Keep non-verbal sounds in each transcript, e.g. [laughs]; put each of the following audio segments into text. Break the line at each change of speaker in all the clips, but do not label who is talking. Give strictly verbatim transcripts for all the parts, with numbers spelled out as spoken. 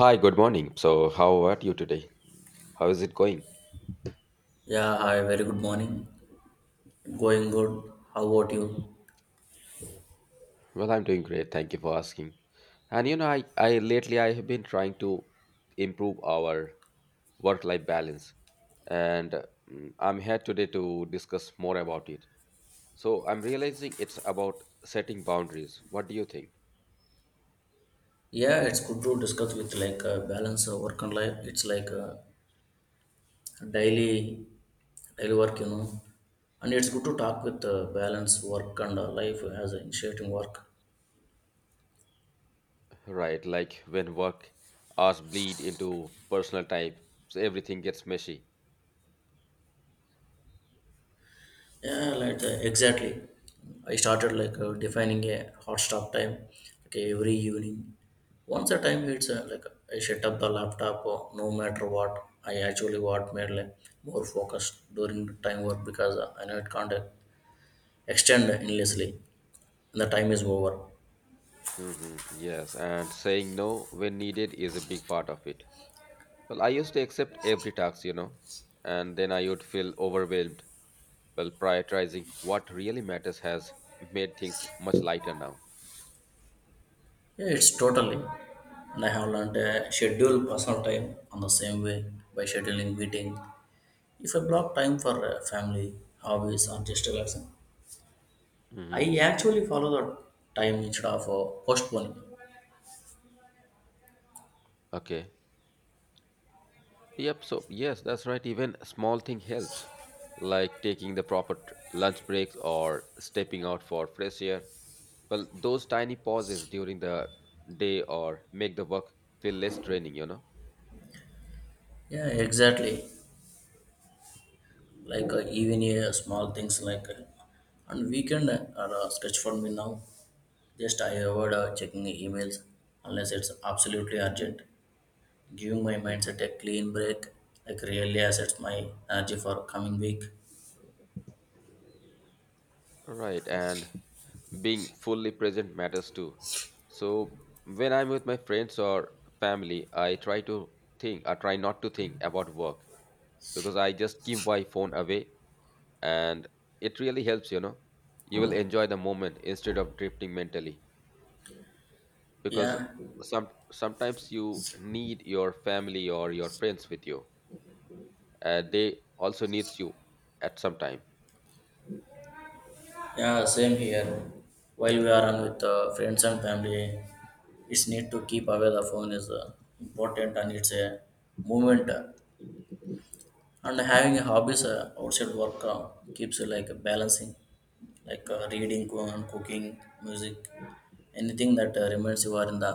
Hi, good morning. So, how are you today? How is it going?
Yeah, hi, very good morning. Going good. How about you?
Well, I'm doing great. Thank you for asking. And you know, I, I lately I have been trying to improve our work-life balance, and uh, mm, I'm here today to discuss more about it. So, I'm realizing it's about setting boundaries. What do you think?
Yeah, it's good to discuss with like uh, balance uh, work and life. It's like uh, daily daily work, you know. And it's good to talk with uh, balance work and uh, life as an initiating work.
Right, like when work hours bleed into personal time, so everything gets messy.
Yeah, like uh, exactly. I started like uh, defining a hot stop time, like every evening. Once the time hits, uh, like I shut up the laptop. Uh, no matter what, I actually what made like more focused during the time work because uh, I know it can't uh, extend endlessly, and the time is over.
Hmm Yes, and saying no when needed is a big part of it. Well, I used to accept every task, you know, and then I would feel overwhelmed. Well, prioritizing what really matters has made things much lighter now.
Yeah, it's totally. And I have learned uh, schedule personal time on the same way by scheduling meeting. If I block time for uh, family, hobbies, or just relaxing
Hmm
I actually follow the time instead of uh, postponing.
Okay. Yep. So, yes, that's right. Even small thing helps, like taking the proper t- lunch breaks or stepping out for fresh air. Well, those tiny pauses during the day or make the work feel less draining, you know.
Yeah, exactly. Like uh, even uh, small things like uh, on weekend uh, are uh, sketch for me now. Just I avoid uh, checking emails unless it's absolutely urgent. Giving my
Hmm
mindset a clean break like really assets my energy for coming week.
Right. And being fully present matters too. So when I'm with my friends or family, I try to think, I try not to think about work because I just keep my phone away and it really helps, you know. You will enjoy the moment instead of drifting mentally because
Yeah,
some sometimes you need your family or your friends with you. Uh, they also needs you at some time.
yeah, same here. While we are on with uh, friends and family, it's need to keep away the phone is uh, important and it's a movement. And having a hobbies uh, outside work uh, keeps you like balancing like uh, reading co- and cooking, music, anything that uh, reminds you are in the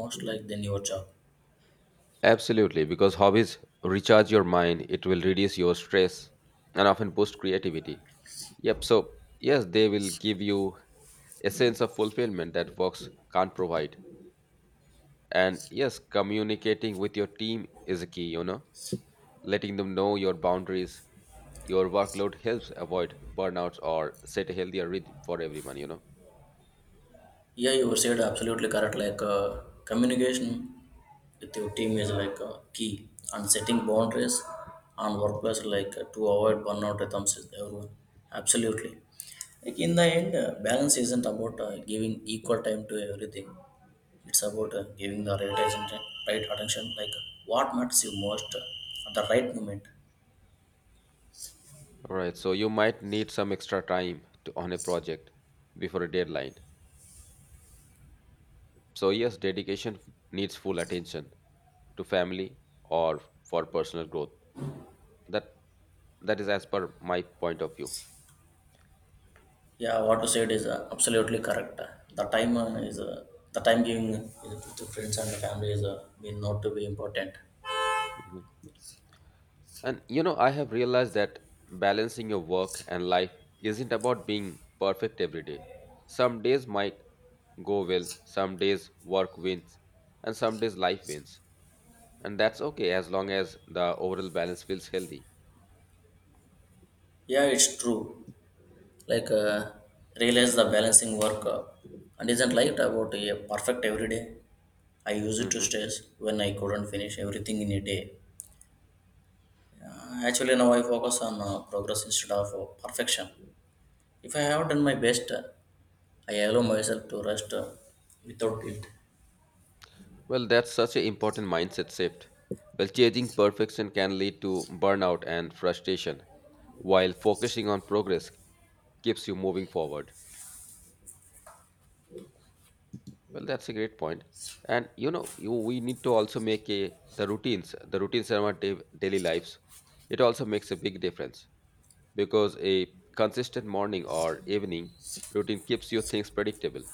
most like than your job.
Absolutely, because hobbies recharge your mind, it will reduce your stress and often boost creativity. Yep. So, yes, they will give you a sense of fulfillment that works can't provide. And yes, communicating with your team is a key, you know, letting them know your boundaries. Your workload helps avoid burnouts or set a healthier rhythm for everyone, you know.
Yeah, you said absolutely correct, like uh, communication with your team is like a key, and setting boundaries on workplace like uh, to avoid burnout rhythms is everyone absolutely. Like in the end uh, balance isn't about uh, giving equal time to everything, it's about uh, giving the right attention, right attention, like what matters you most uh, at the right moment.
All right. So, you might need some extra time to, on a project before a deadline. So, yes, dedication needs full attention to family or for personal growth. That that is as per my point of view.
Yeah, what you said is uh, absolutely correct. The time uh, is uh, the time giving uh, to friends and family is uh, mean not to be important.
Mm-hmm. And you know, I have realized that balancing your work and life isn't about being perfect every day. Some days might go well, some days work wins, and some days life wins. And that's okay as long as the overall balance feels healthy.
Yeah, it's true. like uh, realize the balancing work uh, and isn't light about a perfect every day. I use it to
Mhm.
stress when I couldn't finish everything in a day. Uh, actually now I focus on uh, progress instead of uh, perfection. If I have done my best, I allow myself to rest uh, without guilt.
Well, that's such an important mindset shift. Well, chasing perfection can lead to burnout and frustration, while focusing on progress keeps you moving forward. Well, that's a great point. And you know, you, we need to also make a the routines, the routines in our day, daily lives. It also makes a big difference because a consistent morning or evening routine keeps your things predictable.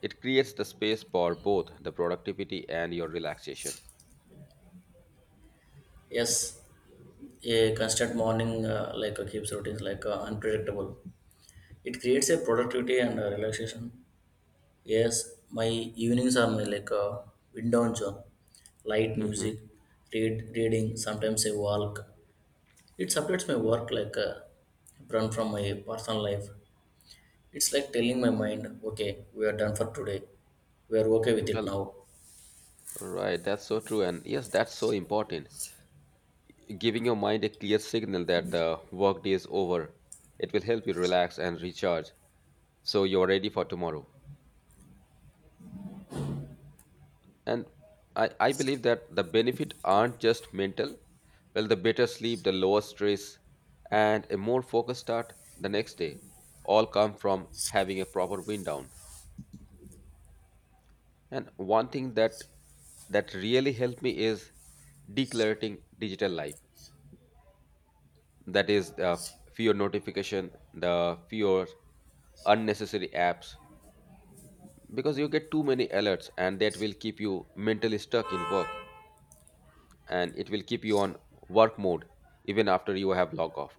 It creates the space for both the productivity and your relaxation.
Yes, a constant morning uh, like uh, keeps routines like uh, unpredictable. It creates a productivity and uh, relaxation. Yes, my evenings are my like uh, wind down zone, light
Hmm
music, read reading, sometimes a walk. It separates my work like uh, run from my personal life. It's like telling my mind, okay, we are done for today. We are okay with it
Well,
now.
right, that's so true, and yes, that's so important. Giving your mind a clear signal that the workday is over, it will help you relax and recharge, so you're ready for tomorrow. And I, I believe that the benefit aren't just mental. Well, the better sleep, the lower stress, and a more focused start the next day all come from having a proper wind down. And one thing that that really helped me is decluttering digital life. That is the fewer notification, the fewer unnecessary apps because you get too many alerts and that will keep you mentally stuck in work and it will keep you on work mode even after you have log off.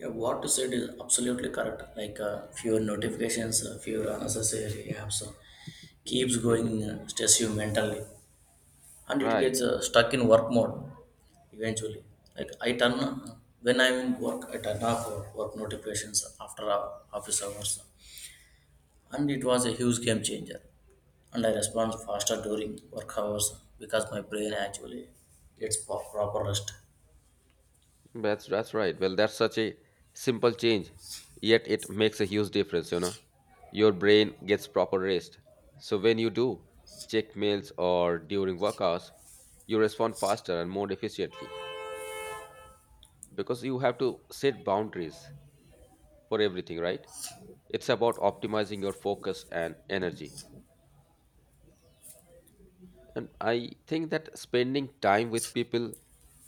Yeah, what you said is absolutely correct. Like uh, fewer notifications, uh, fewer unnecessary apps uh, keeps
Hmm
going, uh, stress you mentally, and it
Right.
gets uh, stuck in work mode eventually. Like I turn uh, when I'm in work, I turn off uh, work notifications after uh, office hours, and it was a huge game changer. And I respond faster during work hours because my brain actually gets pro- proper rest.
That's that's right. Well, that's such a simple change, yet it makes a huge difference. You know, your brain gets proper rest. So when you do check mails or during work hours, you respond faster and more efficiently because you have to set boundaries for everything. Right. It's about optimizing your focus and energy. And I think that spending time with people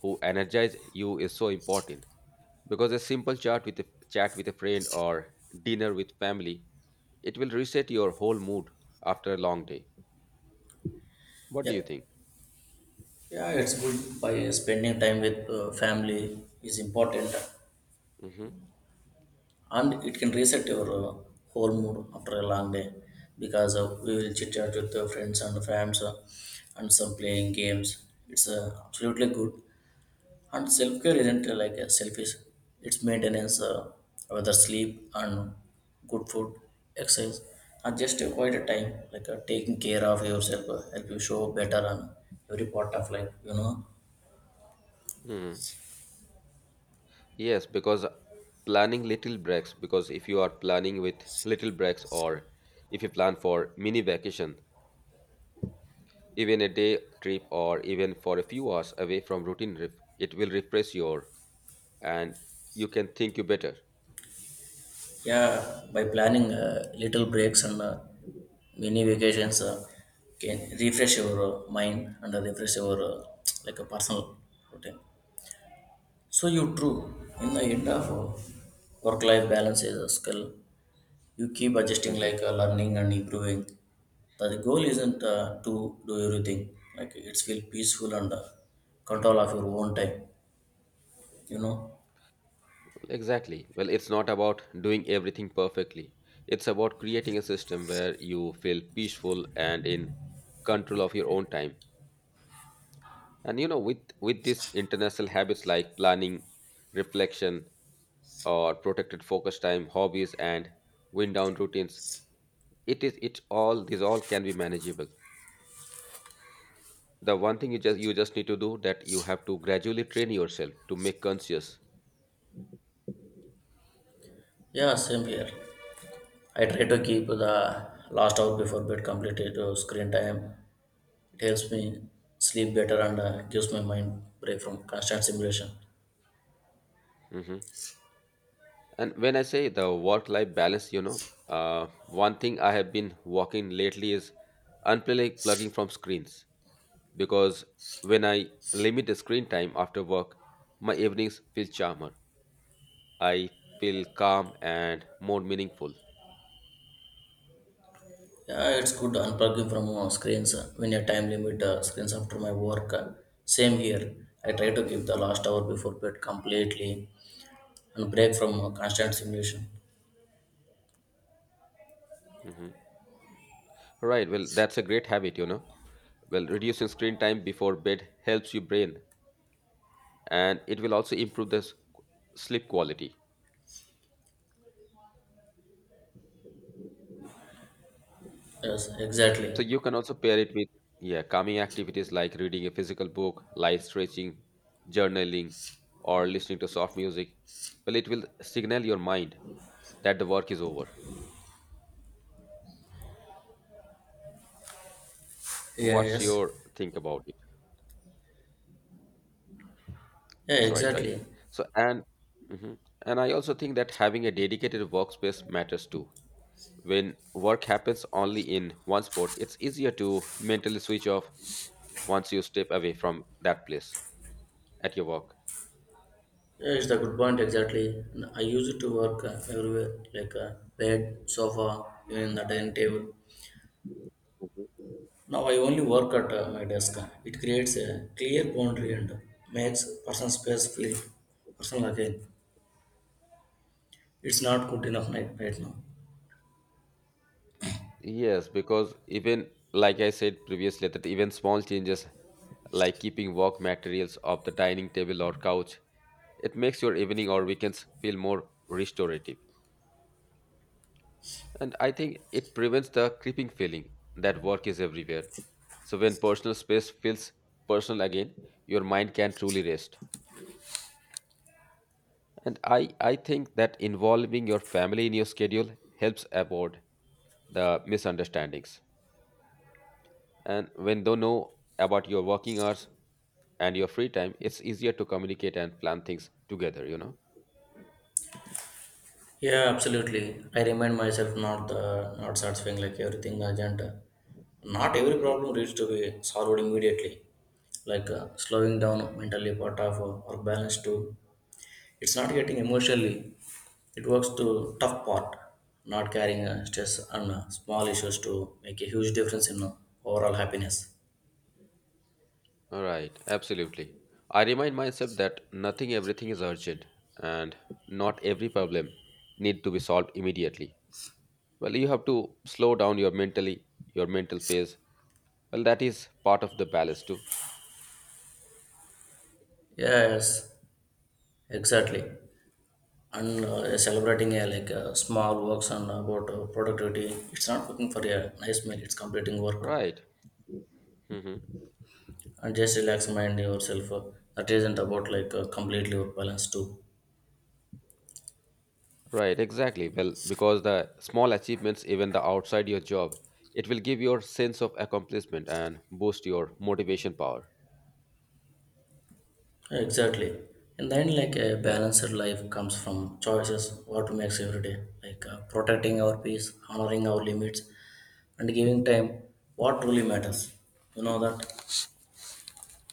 who energize you is so important because a simple chat with a chat with a friend or dinner with family, it will reset your whole mood after a long day. What do
Yeah,
you think?
yeah, it's good by spending time with uh, family is important,
Hmm
and it can reset your uh, whole mood after a long day because uh, we will chit chat with uh, friends and fams uh, and some playing games. It's uh, absolutely good. And self care isn't uh, like a selfish; it's maintenance, uh, whether sleep and good food, exercise, and just a quite a time like uh, taking care of yourself uh, help you show better on every part of life, you know.
hmm Yes, because planning little breaks, because if you are planning with little breaks or if you plan for mini vacation, even a day trip or even for a few hours away from routine, ref- it will refresh your and you can think you better.
Yeah, by planning uh, little breaks and uh, mini vacations, uh, can refresh your uh, mind and uh, refresh your uh, like a personal routine. So you true in the end of uh, work-life balance is a skill. You keep adjusting
Hmm
like uh, learning and improving. The goal isn't uh, to do everything. Like it's feel peaceful and uh, control of your own time, you know.
Exactly. Well, it's not about doing everything perfectly. It's about creating a system where you feel peaceful and in control of your own time. And you know, with with these international habits like planning, reflection, or protected focus time, hobbies, and wind down routines, it is it all these all can be manageable. The one thing you just you just need to do that you have to gradually train yourself to make conscious.
Yeah, same here. I try to keep the last hour before bed completed uh, screen time. It helps me sleep better and uh, gives my mind break from constant simulation.
Hmm And when I say the work life balance, you know, uh, one thing I have been working lately is unplugging from screens because when I limit the screen time after work, my evenings feel charmer. I feel calm and more meaningful.
Yeah, it's good unplugging from uh, screens uh, when a time limit uh, screens after my work. uh, Same here. I try to give the last hour before bed completely and break from uh, constant simulation.
Hmm Right. Well, that's a great habit, you know. Well, reducing screen time before bed helps your brain and it will also improve the s- sleep quality.
Yes,
So
exactly.
you can also pair it with yeah, calming activities like reading a physical book, light stretching, journaling, or listening to soft music. Well, it will signal your mind that the work is over.
Yeah,
What's
yes.
your think about it?
Yeah,
That's right, right?
exactly.
So and mhm. And I also think that having a dedicated workspace matters too. When work happens only in one spot, it's easier to mentally switch off once you step away from that place at your work.
Yeah, it's the good point, exactly. And I use it to work uh, everywhere, like uh, bed, sofa, even the dining table. Now I only work at uh, my desk. It creates a clear boundary and makes personal space feel personal again. It's not good enough right, right now.
Yes, because even like I said previously, that even small changes like keeping work materials off the dining table or couch, it makes your evening or weekends feel more restorative. And I think it prevents the creeping feeling that work is everywhere. So when personal space feels personal again, your mind can truly rest. And I, I think that involving your family in your schedule helps avoid the misunderstandings. And when they know about your working hours and your free time, it's easier to communicate and plan things together, you know?
Yeah, absolutely. I remind myself not uh, not satisfying like everything urgent. Not every
Mhm.
problem needs to be solved immediately. Like uh, slowing down mentally part of uh, work balance too. It's not getting emotionally. It works to tough part, not carrying uh, stress and uh, small issues to make a huge difference in uh, overall happiness.
All right, absolutely. I remind myself that nothing, everything is urgent, and not every problem need to be solved immediately. Well, you have to slow down your mentally, your mental phase. Well, that is part of the balance too.
Yes, exactly. And uh, celebrating uh, like uh, small works and about uh, productivity. It's not cooking for a nice meal. It's completing work
Right. Mhm.
and just relax mind yourself. Uh, that isn't about like uh, completely balanced too.
Right, exactly. Well, because the small achievements, even the outside your job, it will give your sense of accomplishment and boost your motivation power.
Exactly. And then, like a
Yeah,
balanced life comes from choices, what we make every day, like uh, protecting our peace, honoring our limits, and giving time what truly matters, you know that?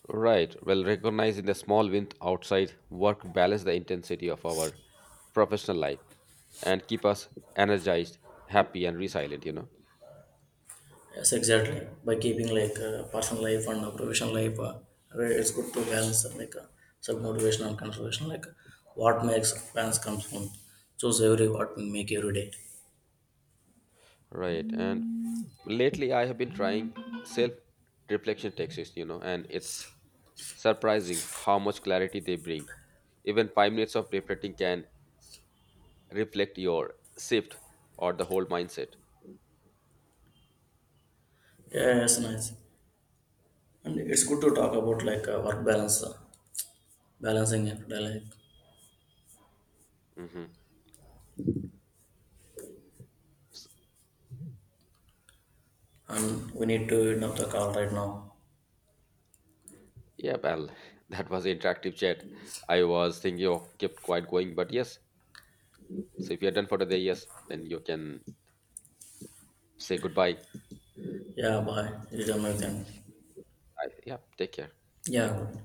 right. Well, recognizing the small wins outside work balance the intensity of our professional life and keep us energized, happy, and resilient. You know.
Yes, exactly. By keeping like uh, personal life and uh, professional life, uh, where it's good to balance uh, like uh, self motivation and conservation, like what makes balance comes from choose every what we make every day.
Right, and lately I have been trying self-reflection techniques. You know, and it's surprising how much clarity they bring. Even five minutes of reflecting can reflect your shift or the whole mindset.
Yeah, yes, nice. And it's good to talk about like uh, work balance, uh, balancing everyday life.
Hmm
And we need to end up the call right now.
Yeah, well, [laughs] that was interactive chat. I was thinking of kept quite going, but yes. So if you're done for today, yes, then you can say goodbye.
Yeah, bye. You done my
I, yeah, take care. You
Yeah,
too.
good.